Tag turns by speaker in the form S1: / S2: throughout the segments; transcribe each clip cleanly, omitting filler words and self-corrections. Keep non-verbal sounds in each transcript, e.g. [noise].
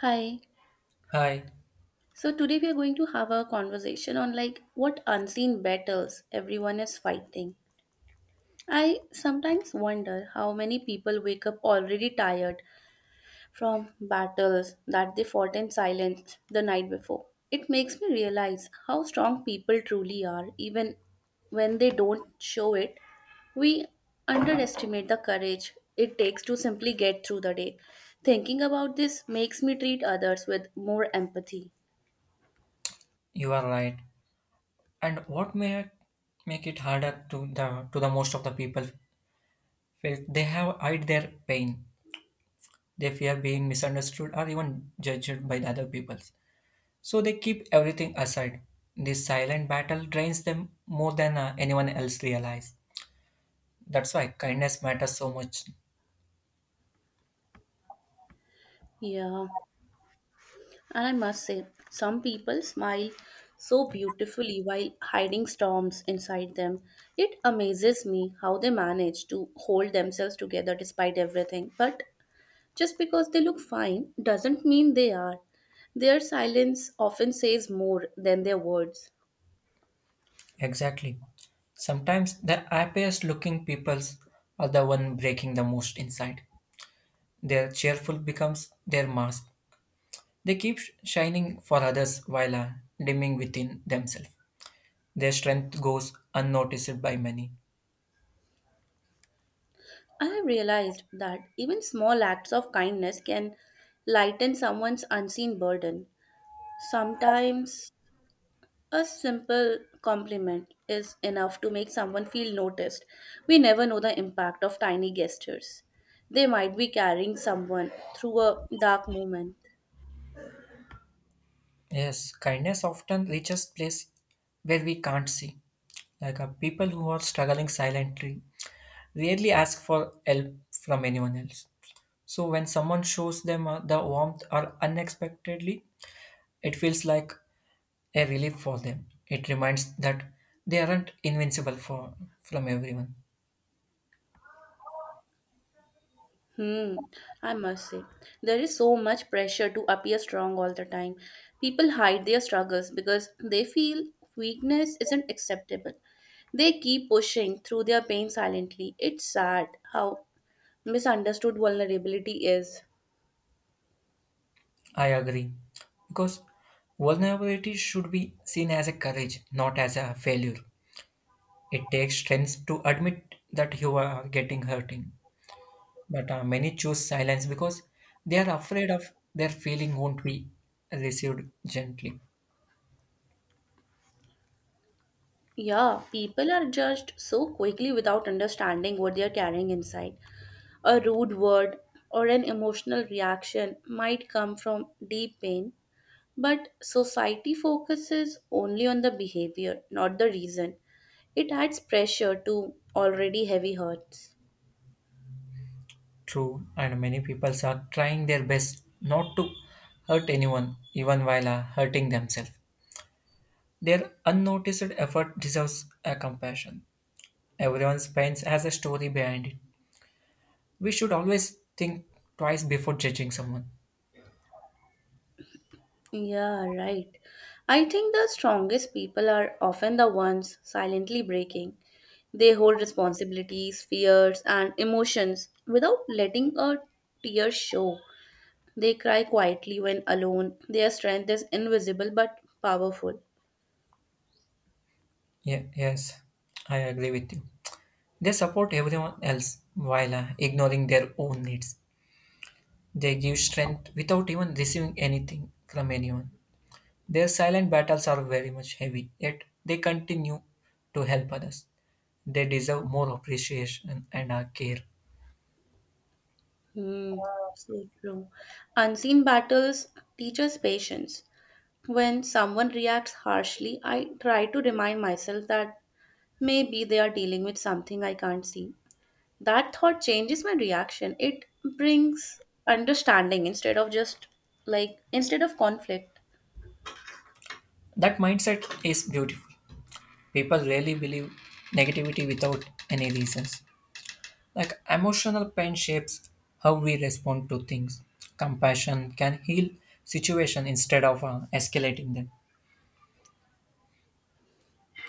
S1: Hi.
S2: Hi,
S1: So today we are going to have a conversation on like what unseen battles everyone is fighting. I sometimes wonder how many people wake up already tired from battles that they fought in silence the night before. It makes me realize how strong people truly are even when they don't show it. We underestimate the courage it takes to simply get through the day. Thinking about this makes me treat others with more empathy.
S2: you are right. And what may make it harder to the most of the people felt they have hide their pain. They fear being misunderstood or even judged by the other people. So they keep everything aside. This silent battle drains them more than anyone else realize. That's why kindness matters so much.
S1: Yeah. And I must say, some people smile so beautifully while hiding storms inside them. It amazes me how they manage to hold themselves together despite everything. But just because they look fine doesn't mean they are. Their silence often says more than their words.
S2: Exactly. Sometimes the happiest looking peoples are the one breaking the most inside. Their cheerful becomes their mask. They keep shining for others while dimming within themselves. Their strength goes unnoticed by many.
S1: I have realized that even small acts of kindness can lighten someone's unseen burden. Sometimes a simple compliment is enough to make someone feel noticed. We never know the impact of tiny gestures. They might be carrying someone through a dark moment.
S2: Yes, kindness often reaches place where we can't see. Like people who are struggling silently rarely ask for help from anyone else. So when someone shows them the warmth or unexpectedly, it feels like a relief for them. It reminds that they aren't invincible for from everyone.
S1: Hmm, I must say, there is so much pressure to appear strong all the time. People hide their struggles because they feel weakness isn't acceptable. They keep pushing through their pain silently. It's sad how misunderstood vulnerability is.
S2: I agree. Because vulnerability should be seen as a courage, not as a failure. It takes strength to admit that you are getting hurting. But many choose silence because they are afraid of their feeling won't be received gently.
S1: Yeah, people are judged so quickly without understanding what they are carrying inside. A rude word or an emotional reaction might come from deep pain, but society focuses only on the behavior, not the reason. It adds pressure to already heavy hurts.
S2: True, and many people are trying their best not to hurt anyone, even while hurting themselves. Their unnoticed effort deserves a compassion. Everyone's pain has a story behind it. We should always think twice before judging someone.
S1: Yeah, right. I think the strongest people are often the ones silently breaking. They hold responsibilities, fears, and emotions without letting a tear show. They cry quietly when alone. Their strength is invisible but powerful.
S2: Yeah, yes, I agree with you. They support everyone else while ignoring their own needs. They give strength without even receiving anything from anyone. Their silent battles are very much heavy, yet they continue to help others. They deserve more appreciation and our care.
S1: Hmm, so true. Unseen battles teach us patience. When someone reacts harshly, I try to remind myself that maybe they are dealing with something I can't see. That thought changes my reaction. It brings understanding instead of just like instead of conflict.
S2: That mindset is beautiful. People rarely believe negativity without any reasons. Like emotional pain shapes how we respond to things. Compassion can heal situation instead of escalating them.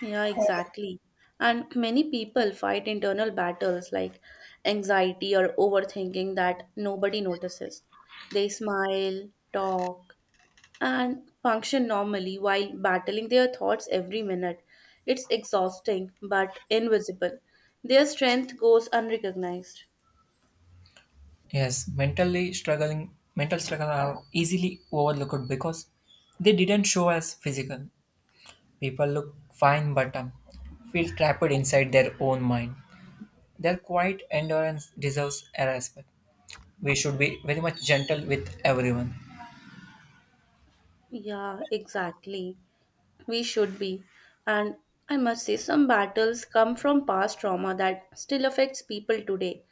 S1: Yeah, exactly. And many people fight internal battles like anxiety or overthinking that nobody notices. They smile, talk, and function normally while battling their thoughts every minute. It's exhausting but invisible. Their strength goes unrecognized.
S2: Yes, mental struggle are easily overlooked because they didn't show as physical. People look fine but feel trapped inside their own mind. Their quiet endurance deserves a respect. We should be very much gentle with everyone.
S1: Yeah, exactly, we should be. And I must say, some battles come from past trauma that still affects people today.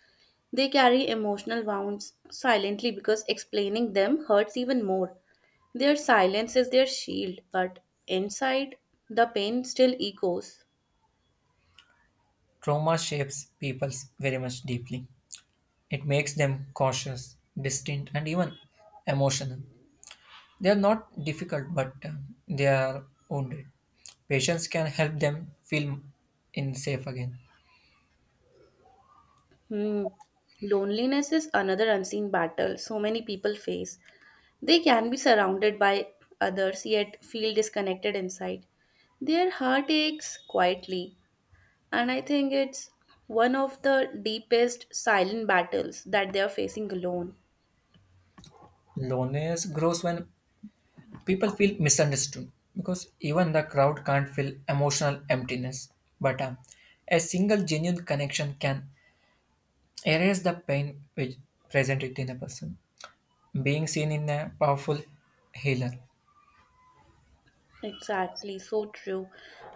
S1: They carry emotional wounds silently because explaining them hurts even more. Their silence is their shield, but inside, the pain still echoes.
S2: Trauma shapes people very much deeply. It makes them cautious, distant, and even emotional. They are not difficult, but they are wounded. Patience can help them feel in safe again.
S1: Hmm. Loneliness is another unseen battle so many people face. They can be surrounded by others yet feel disconnected inside. Their heart aches quietly, and I think it's one of the deepest silent battles that they are facing alone.
S2: Loneliness grows when people feel misunderstood because even the crowd can't feel emotional emptiness. But a single genuine connection can erase the pain which present it in a person. Being seen in a powerful healer.
S1: Exactly, so true.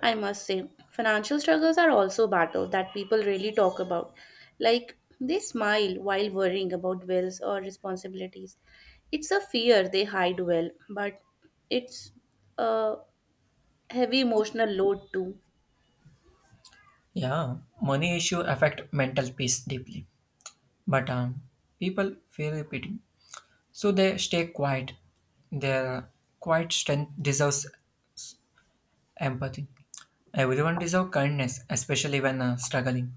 S1: I must say, financial struggles are also battles that people really talk about. Like, they smile while worrying about bills or responsibilities. It's a fear they hide well, but it's a heavy emotional load too.
S2: Yeah, money issue affect mental peace deeply. But people fear pity, so they stay quiet. Their quiet strength deserves empathy. Everyone deserves kindness, especially when struggling.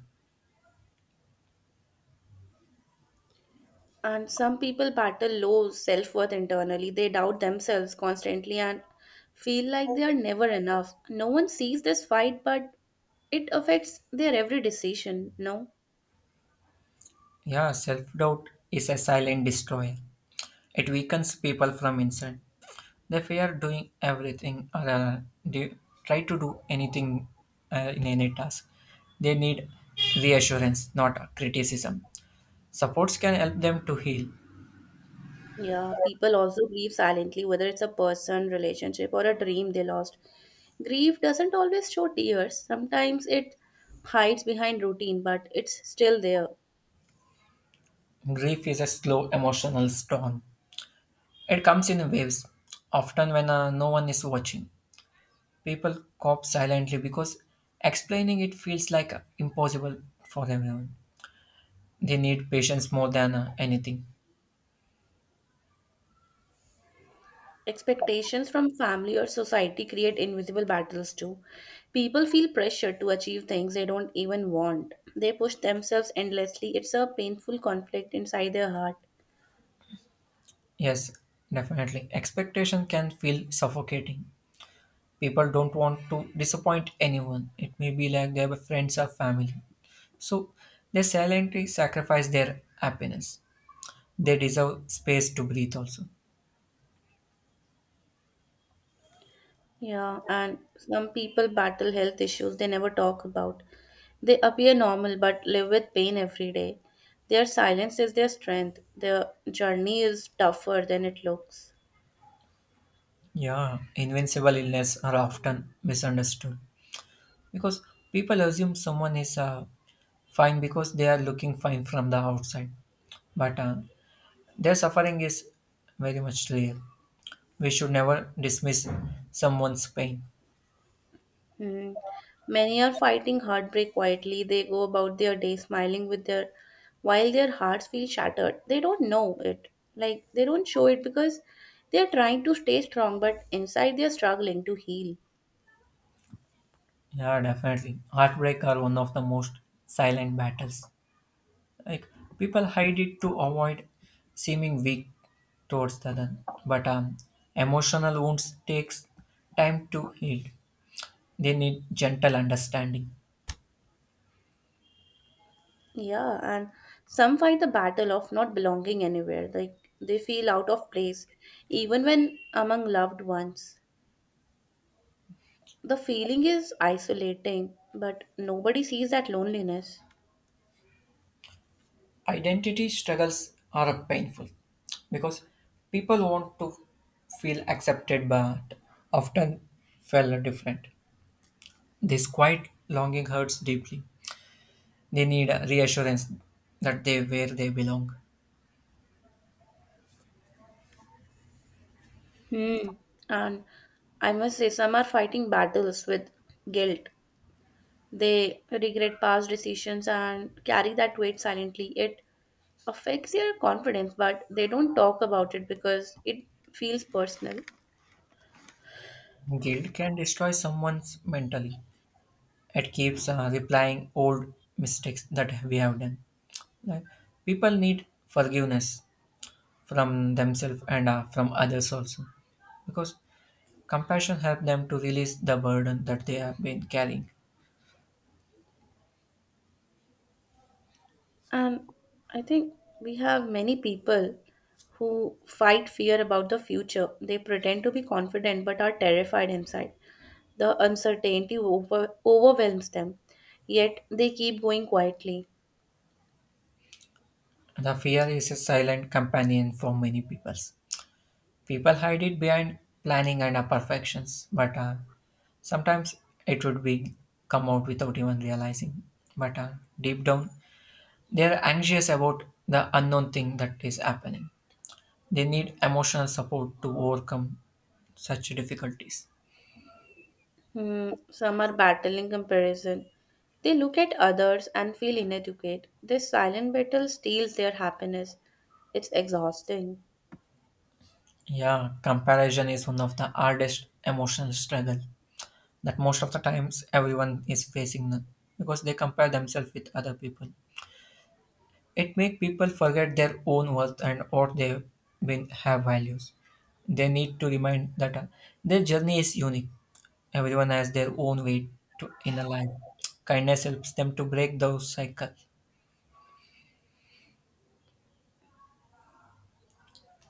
S1: And some people battle low self worth internally. They doubt themselves constantly and feel like they are never enough. No one sees this fight, but it affects their every decision, no?
S2: Yeah, self doubt is a silent destroyer. It weakens people from inside. They fear doing everything or do, try to do anything in any task. They need reassurance, not criticism. Supports can help them to heal.
S1: Yeah, people also grieve silently, whether it's a person, relationship, or a dream they lost. Grief doesn't always show tears, sometimes it hides behind routine, but it's still there.
S2: Grief is a slow emotional storm. It comes in waves, often when no one is watching. People cop silently because explaining it feels like impossible for everyone. They need patience more than anything.
S1: Expectations from family or society create invisible battles too. People feel pressure to achieve things they don't even want. They push themselves endlessly. It's a painful conflict inside their heart.
S2: Yes, definitely. Expectation can feel suffocating. People don't want to disappoint anyone. It may be like their friends or family. So they silently sacrifice their happiness. They deserve space to breathe also.
S1: Yeah, and some people battle health issues they never talk about. They appear normal but live with pain every day. Their silence is their strength. Their journey is tougher than it looks.
S2: Yeah, invincible illness are often misunderstood. Because people assume someone is fine because they are looking fine from the outside, but their suffering is very much real. We should never dismiss someone's pain.
S1: Mhm. Many are fighting heartbreak quietly. They go about their day smiling with their while their hearts feel shattered. They don't know it. Like they don't show it because they're trying to stay strong, but inside they're struggling to heal.
S2: Yeah, definitely. Heartbreak are one of the most silent battles. Like people hide it to avoid seeming weak towards the other. But emotional wounds takes time to heal. They need gentle understanding.
S1: Yeah, and some fight the battle of not belonging anywhere. Like they feel out of place, even when among loved ones. The feeling is isolating, but nobody sees that loneliness.
S2: Identity struggles are painful because people want to feel accepted but often feel different. This quiet longing hurts deeply. They need a reassurance that they where they belong.
S1: Hmm. And I must say, some are fighting battles with guilt. They regret past decisions and carry that weight silently. It affects their confidence, but they don't talk about it because it feels personal.
S2: Guilt can destroy someone's mentally. It keeps replying old mistakes that we have done. Like people need forgiveness from themselves and from others also because compassion helps them to release the burden that they have been carrying.
S1: And I think we have many people who fight fear about the future. They pretend to be confident but are terrified inside. The overwhelms them, yet they keep going quietly.
S2: The fear is a silent companion for many people. People hide it behind planning and imperfections, but sometimes it would be come out without even realizing. But deep down, they are anxious about the unknown thing that is happening. They need emotional support to overcome such difficulties.
S1: Some are battling comparison. They look at others and feel inadequate. This silent battle steals their happiness. It's exhausting.
S2: Yeah, comparison is one of the hardest emotional struggle that most of the times everyone is facing because they compare themselves with other people. It make people forget their own worth and what they been have values. They need to remind that their journey is unique. Everyone has their own way to in a life. Kindness helps them to break those cycles.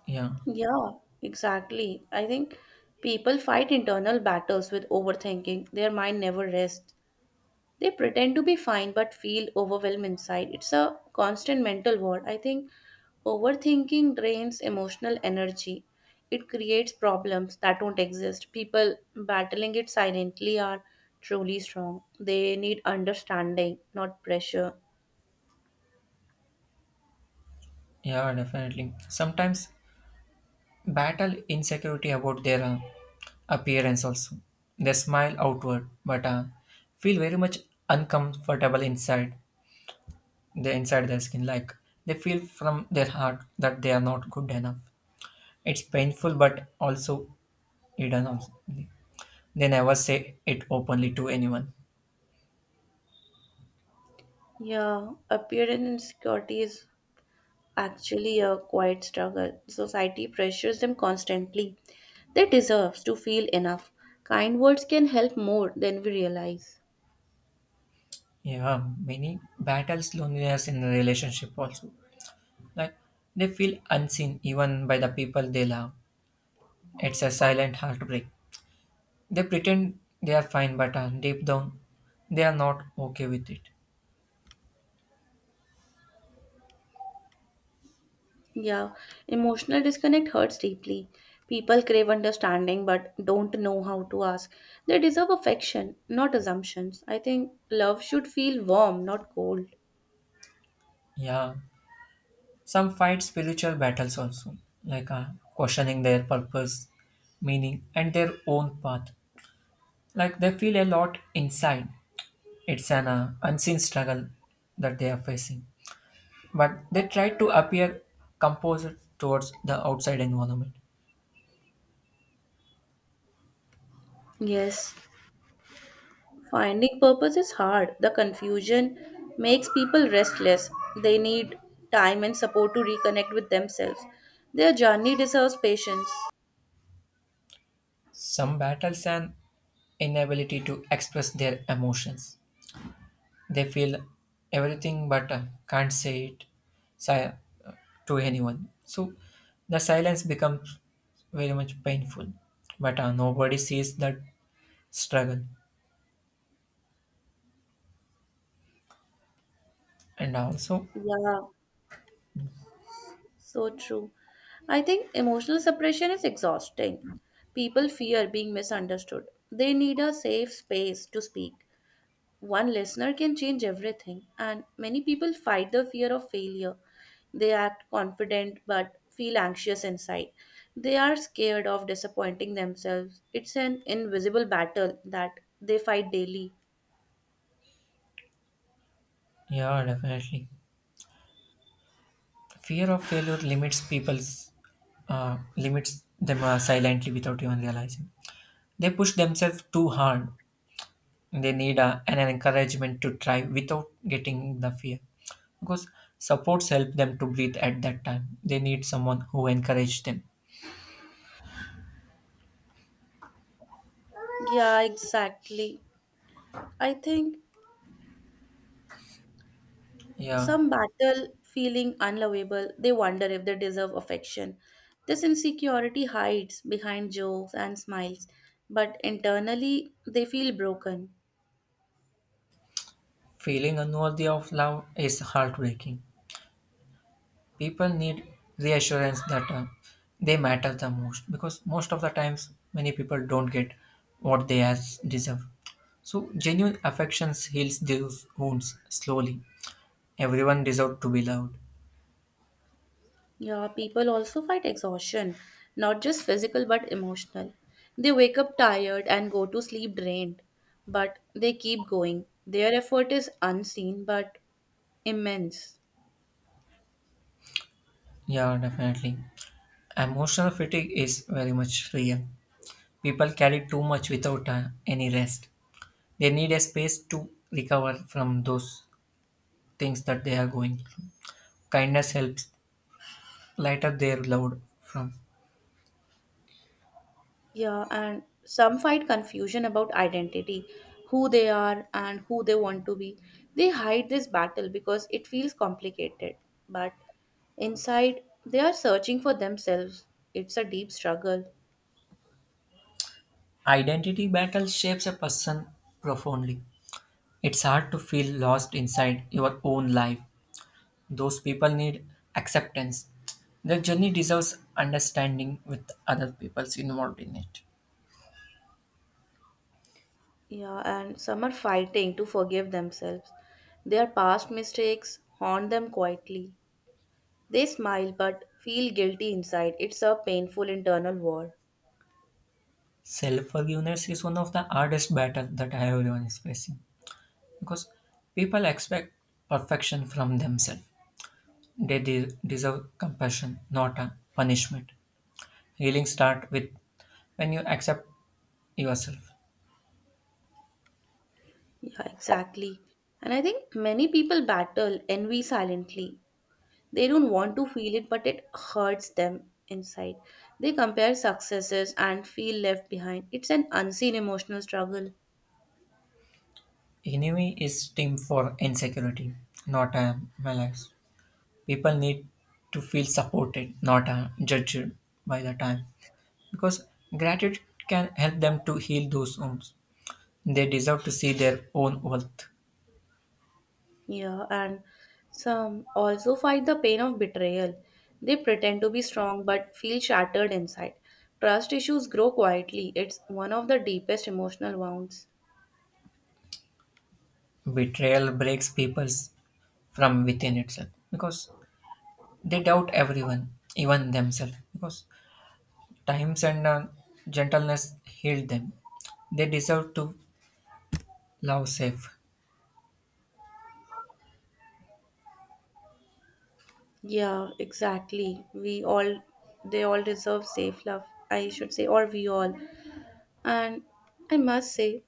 S2: Yeah,
S1: Yeah, exactly. I think people fight internal battles with overthinking. Their mind never rests. They pretend to be fine but feel overwhelmed inside. It's a constant mental war. I think overthinking drains emotional energy. It creates problems that don't exist. People battling it silently are truly strong. They need understanding, not pressure.
S2: yeah, definitely. Sometimes battle insecurity about their appearance also. They smile outward, but feel very much uncomfortable inside. They inside their skin like they feel from their heart that they are not good enough. It's painful but also hidden also. They never say it openly to anyone.
S1: Yeah, appearance insecurity is actually a quiet struggle. Society pressures them constantly. They deserve to feel enough. Kind words can help more than we realize.
S2: Yeah, many battles loneliness in a relationship also. Like they feel unseen even by the people they love. It's a silent heartbreak. They pretend they are fine but deep down they are not okay with it.
S1: Yeah, emotional disconnect hurts deeply. People crave understanding but don't know how to ask. They deserve affection, not assumptions. I think love should feel warm, not cold.
S2: Yeah, some fight spiritual battles also, like questioning their purpose, meaning, and their own path. Like they feel a lot inside. It's an unseen struggle that they are facing, but they try to appear composed towards the outside environment.
S1: Yes, finding purpose is hard. The confusion makes people restless. They need time and support to reconnect with themselves. Their journey deserves patience.
S2: Some battles an inability to express their emotions. They feel everything but can't say it si- uh, to anyone. So the silence becomes very much painful, but nobody sees that struggle. And also,
S1: Yeah. So true. I think emotional suppression is exhausting. People fear being misunderstood. They need a safe space to speak. One listener can change everything, and many people fight the fear of failure. They act confident but feel anxious inside. They are scared of disappointing themselves. It's an invisible battle that they fight daily.
S2: yeah, definitely, fear of failure limits people's limits them silently without even realizing. They push themselves too hard. They need an encouragement to try without getting the fear because supports help them to breathe at that time. They need someone who encourage them.
S1: Yeah, exactly. I think
S2: Yeah,
S1: some battle feeling unlovable, they wonder if they deserve affection. This insecurity hides behind jokes and smiles, but internally they feel broken.
S2: feeling unworthy of love is heartbreaking. People need reassurance that they matter the most because most of the times many people don't get what they as deserve, so genuine affections heals those wounds slowly. Everyone deserves to be loved.
S1: Yeah, people also fight exhaustion, not just physical but emotional. They wake up tired and go to sleep drained, but they keep going. Their effort is unseen but immense.
S2: Yeah, definitely. Emotional fatigue is very much real. People carry too much without any rest. They need a space to recover from those things that they are going through. Kindness helps light up their load from.
S1: Yeah, and some fight confusion about identity, who they are and who they want to be. They hide this battle because it feels complicated, but inside they are searching for themselves. It's a deep struggle.
S2: Identity battle shapes a person profoundly. It's hard to feel lost inside your own life. Those people need acceptance. Their journey deserves understanding with other people's involved in it.
S1: Yeah, and some are fighting to forgive themselves. Their past mistakes haunt them quietly. They smile but feel guilty inside. It's a painful internal war.
S2: Self forgiveness is one of the hardest battles that everyone is facing, because people expect perfection from themselves. They deserve compassion, not a punishment. Healing start with when you accept yourself.
S1: Yeah, exactly. And I think many people battle envy silently. They don't want to feel it, but it hurts them inside. They compare successes and feel left behind. It's an unseen emotional struggle.
S2: Enemy is team for insecurity, not a malice. People need to feel supported, not judged by the time. Because gratitude can help them to heal those wounds. They deserve to see their own worth.
S1: Yeah, and some also fight the pain of betrayal. They pretend to be strong but feel shattered inside. Trust issues grow quietly. It's one of the deepest emotional wounds.
S2: Betrayal breaks people from within itself. Because they doubt everyone, even themselves, because times and gentleness healed them. They deserve to love safe.
S1: Yeah, exactly. They all deserve safe love. I should say, or we all. And I must say,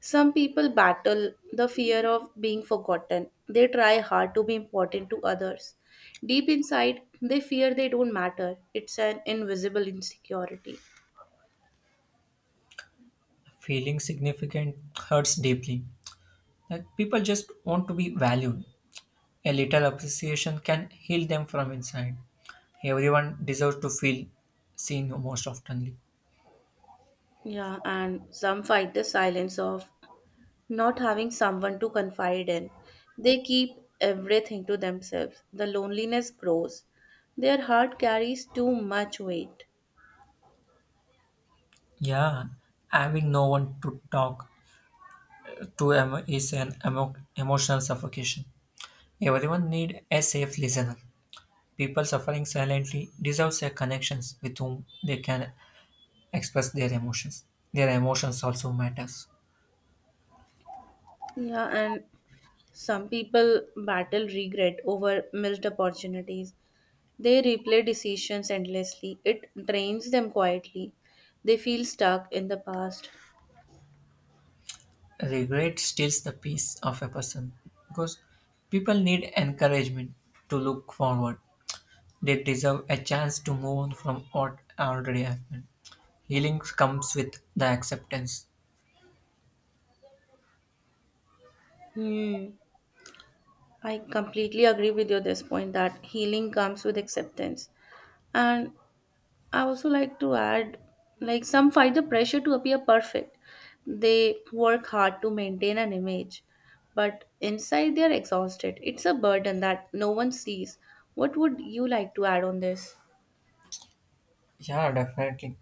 S1: some people battle the fear of being forgotten. They try hard to be important to others. Deep inside, they fear they don't matter. It's an invisible insecurity.
S2: Feeling significant hurts deeply. That people just want to be valued. A little appreciation can heal them from inside. Everyone deserves to feel seen most oftenly.
S1: Yeah, and some fight the silence of not having someone to confide in. They keep everything to themselves. The loneliness grows. Their heart carries too much weight.
S2: Yeah, having no one to talk to is an emotional suffocation. Everyone need a safe listener. People suffering silently deserve their connections with whom they can express their emotions. Their emotions also matters.
S1: Yeah, and some people battle regret over missed opportunities. They replay decisions endlessly. It drains them quietly. They feel stuck in the past.
S2: Regret steals the peace of a person because people need encouragement to look forward. They deserve a chance to move on from what already happened. Healing comes with the acceptance.
S1: Hmm. I completely agree with you this point that healing comes with acceptance. And I also like to add like some fight the pressure to appear perfect. They work hard to maintain an image, but inside they are exhausted. It's a burden that no one sees. What would you like to add on this?
S2: Yeah, definitely.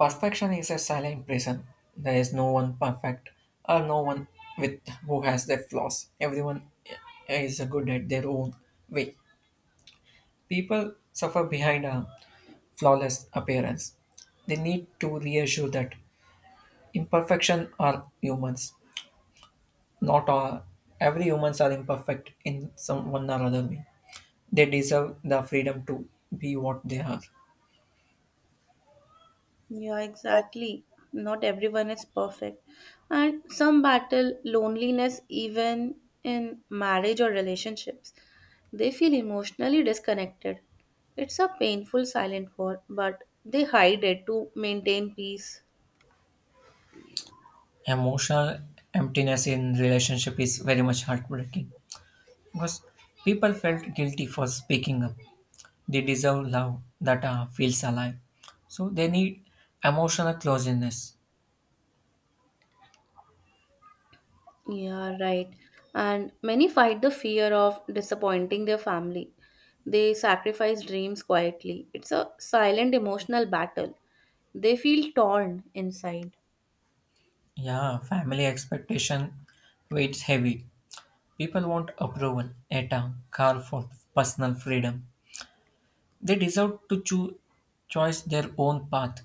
S2: Perfection is a silent prison. There is no one perfect or no one with who has their flaws. Everyone is good at their own way. People suffer behind a flawless appearance. They need to reassure that imperfection are humans. Not all every humans are imperfect in some one or other way. They deserve the freedom to be what they are.
S1: Yeah, exactly. Not everyone is perfect. And some battle loneliness even in marriage or relationships. They feel emotionally disconnected. It's a painful silent war, but they hide it to maintain peace.
S2: Emotional emptiness in relationship is very much heartbreaking because people felt guilty for speaking up. They deserve love that feels alive. So they need emotional closeness.
S1: Yeah, right. And many fight the fear of disappointing their family. They sacrifice dreams quietly. It's a silent emotional battle. They feel torn inside.
S2: Yeah, family expectation weighs heavy. People want approval at a car for personal freedom. They deserve to choose their own path.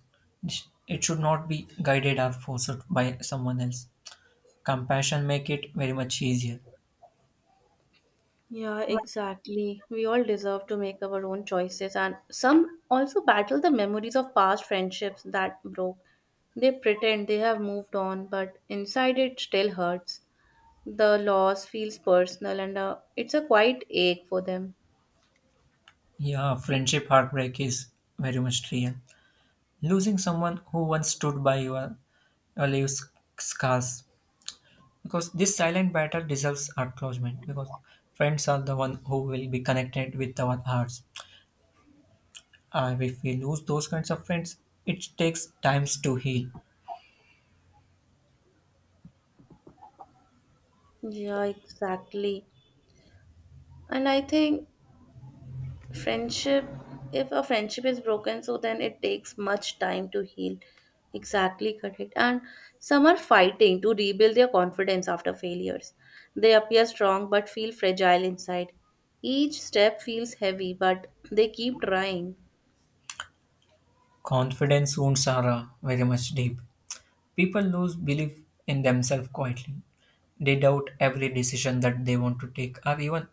S2: It should not be guided or forced by someone else. Compassion make it very much easier.
S1: Yeah, exactly. We all deserve to make our own choices, and some also battle the memories of past friendships that broke. They pretend they have moved on, but inside it still hurts. The loss feels personal, and it's a quiet ache for them.
S2: Yeah, friendship heartbreak is very much real. Losing someone who once stood by your leaves scars because this silent battle deserves acknowledgement because friends are the one who will be connected with our hearts, and if we lose those kinds of friends it takes times to heal.
S1: Yeah, exactly. And I think friendship, if a friendship is broken so then it takes much time to heal, exactly correct. And some are fighting to rebuild their confidence after failures. They appear strong but feel fragile inside. Each step feels heavy, but they keep trying.
S2: Confidence wounds are very much deep. People lose belief in themselves quietly. They doubt every decision that they want to take or even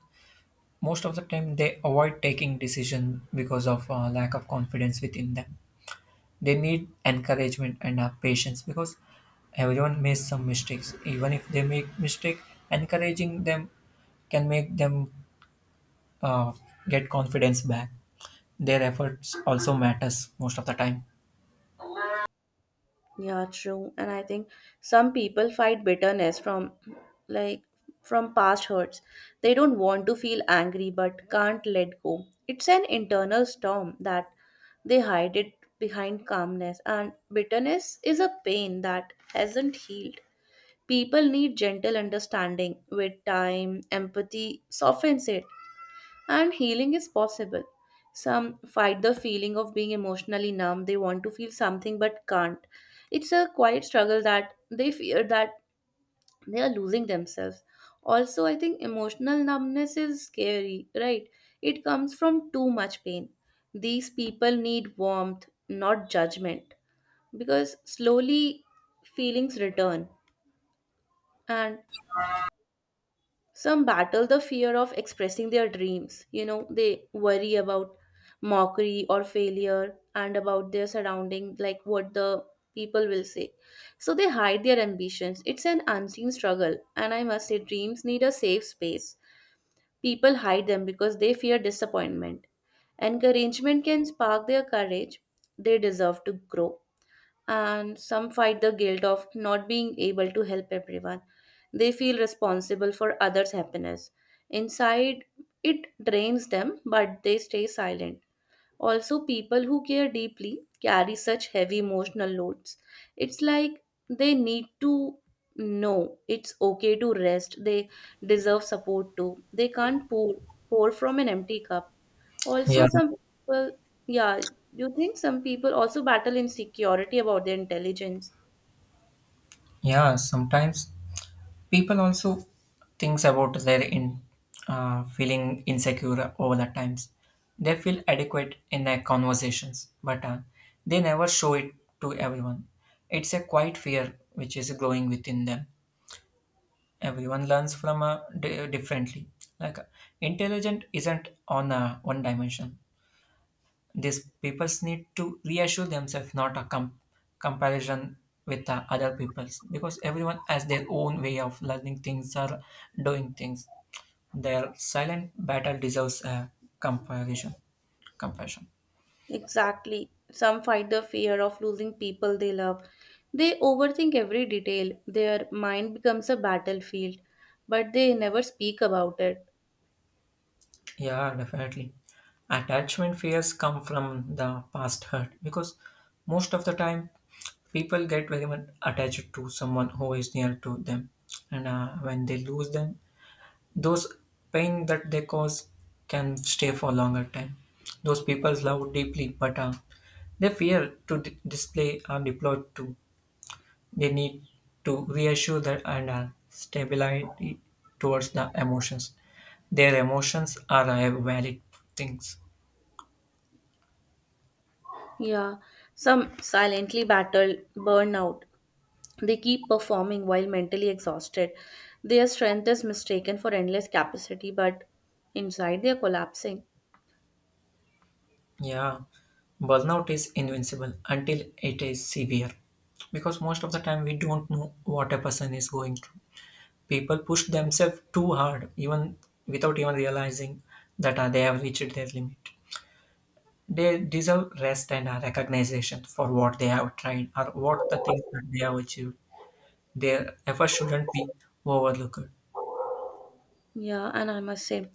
S2: most of the time they avoid taking decision because of lack of confidence within them. They need encouragement and patience because everyone makes some mistakes. Even if they make mistake, encouraging them can make them uh, get confidence back. Their efforts also matters most of the time.
S1: Yeah, true. And I think some people fight bitterness from like from past hurts. They don't want to feel angry but can't let go. It's an internal storm that they hide it behind calmness. And bitterness is a pain that hasn't healed. People need gentle understanding with time, empathy softens it. And healing is possible. Some fight the feeling of being emotionally numb. They want to feel something but can't. It's a quiet struggle that they fear that they are losing themselves. Also, I think emotional numbness is scary, right? It comes from too much pain. These people need warmth, not judgment, because slowly feelings return. And some battle the fear of expressing their dreams. You know, they worry about mockery or failure and about their surrounding, like what the people will say. So they hide their ambitions. It's an unseen struggle, and I must say, dreams need a safe space. People hide them because they fear disappointment. Encouragement can spark their courage. They deserve to grow. And some fight the guilt of not being able to help everyone. They feel responsible for others' happiness. Inside, it drains them, but they stay silent. Also, people who care deeply carry such heavy emotional loads. It's like they need to know it's okay to rest. They deserve support too. They can't pour from an empty cup.
S2: yeah
S1: Also, some people, yeah, you think some people also battle insecurity about their intelligence.
S2: yeah sometimes people also thinks about their in feeling insecure over the times. They feel adequate in their conversations but they never show it to everyone. It's a quiet fear which is growing within them. Everyone learns from differently, like intelligent isn't on one dimension. These peoples need to reassure themselves, not a comparison with the other peoples, because everyone has their own way of learning things or doing things. Their silent battle deserves a comparison compassion.
S1: Exactly. Some fight the fear of losing people they love. They overthink every detail. Their mind becomes a battlefield, but they never speak about it.
S2: Yeah, definitely, attachment fears come from the past hurt because most of the time people get very much attached to someone who is near to them, and when they lose them, those pain that they cause can stay for longer time. Those people love deeply, but they fear to display or deploy too. They need to reassure that and stabilize towards the emotions. Their emotions are valid things.
S1: Yeah. Some silently battle burnout. They keep performing while mentally exhausted. Their strength is mistaken for endless capacity, but inside they are collapsing.
S2: Yeah, burnout is invincible until it is severe, because most of the time we don't know what a person is going through. People push themselves too hard even without even realizing that they have reached their limit. They deserve rest and recognition for what they have tried or what the things that they have achieved. Their effort shouldn't be overlooked.
S1: Yeah, and I must say,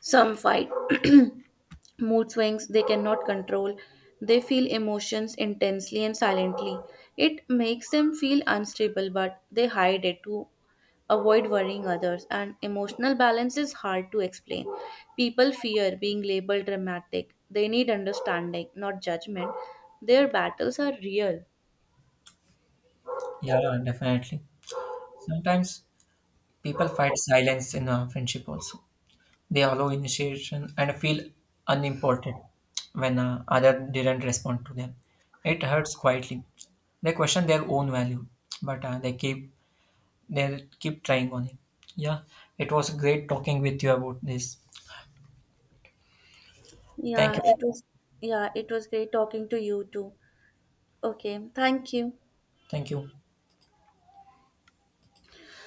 S1: some fight [clears throat] mood swings they cannot control. They feel emotions intensely and silently. It makes them feel unstable, but they hide it to avoid worrying others. And emotional balance is hard to explain. People fear being labeled dramatic. They need understanding, not judgment. Their battles are real.
S2: Yeah, definitely, sometimes people fight silence in a friendship also. They allow initiation and feel unimportant when other didn't respond to them. It hurts quietly. They question their own value, but they keep. They'll keep trying on it. Yeah, it was great talking with you about this. Thank
S1: Yeah,
S2: you.
S1: it was. Yeah, it was great talking to you too. Okay, thank you.
S2: Thank you.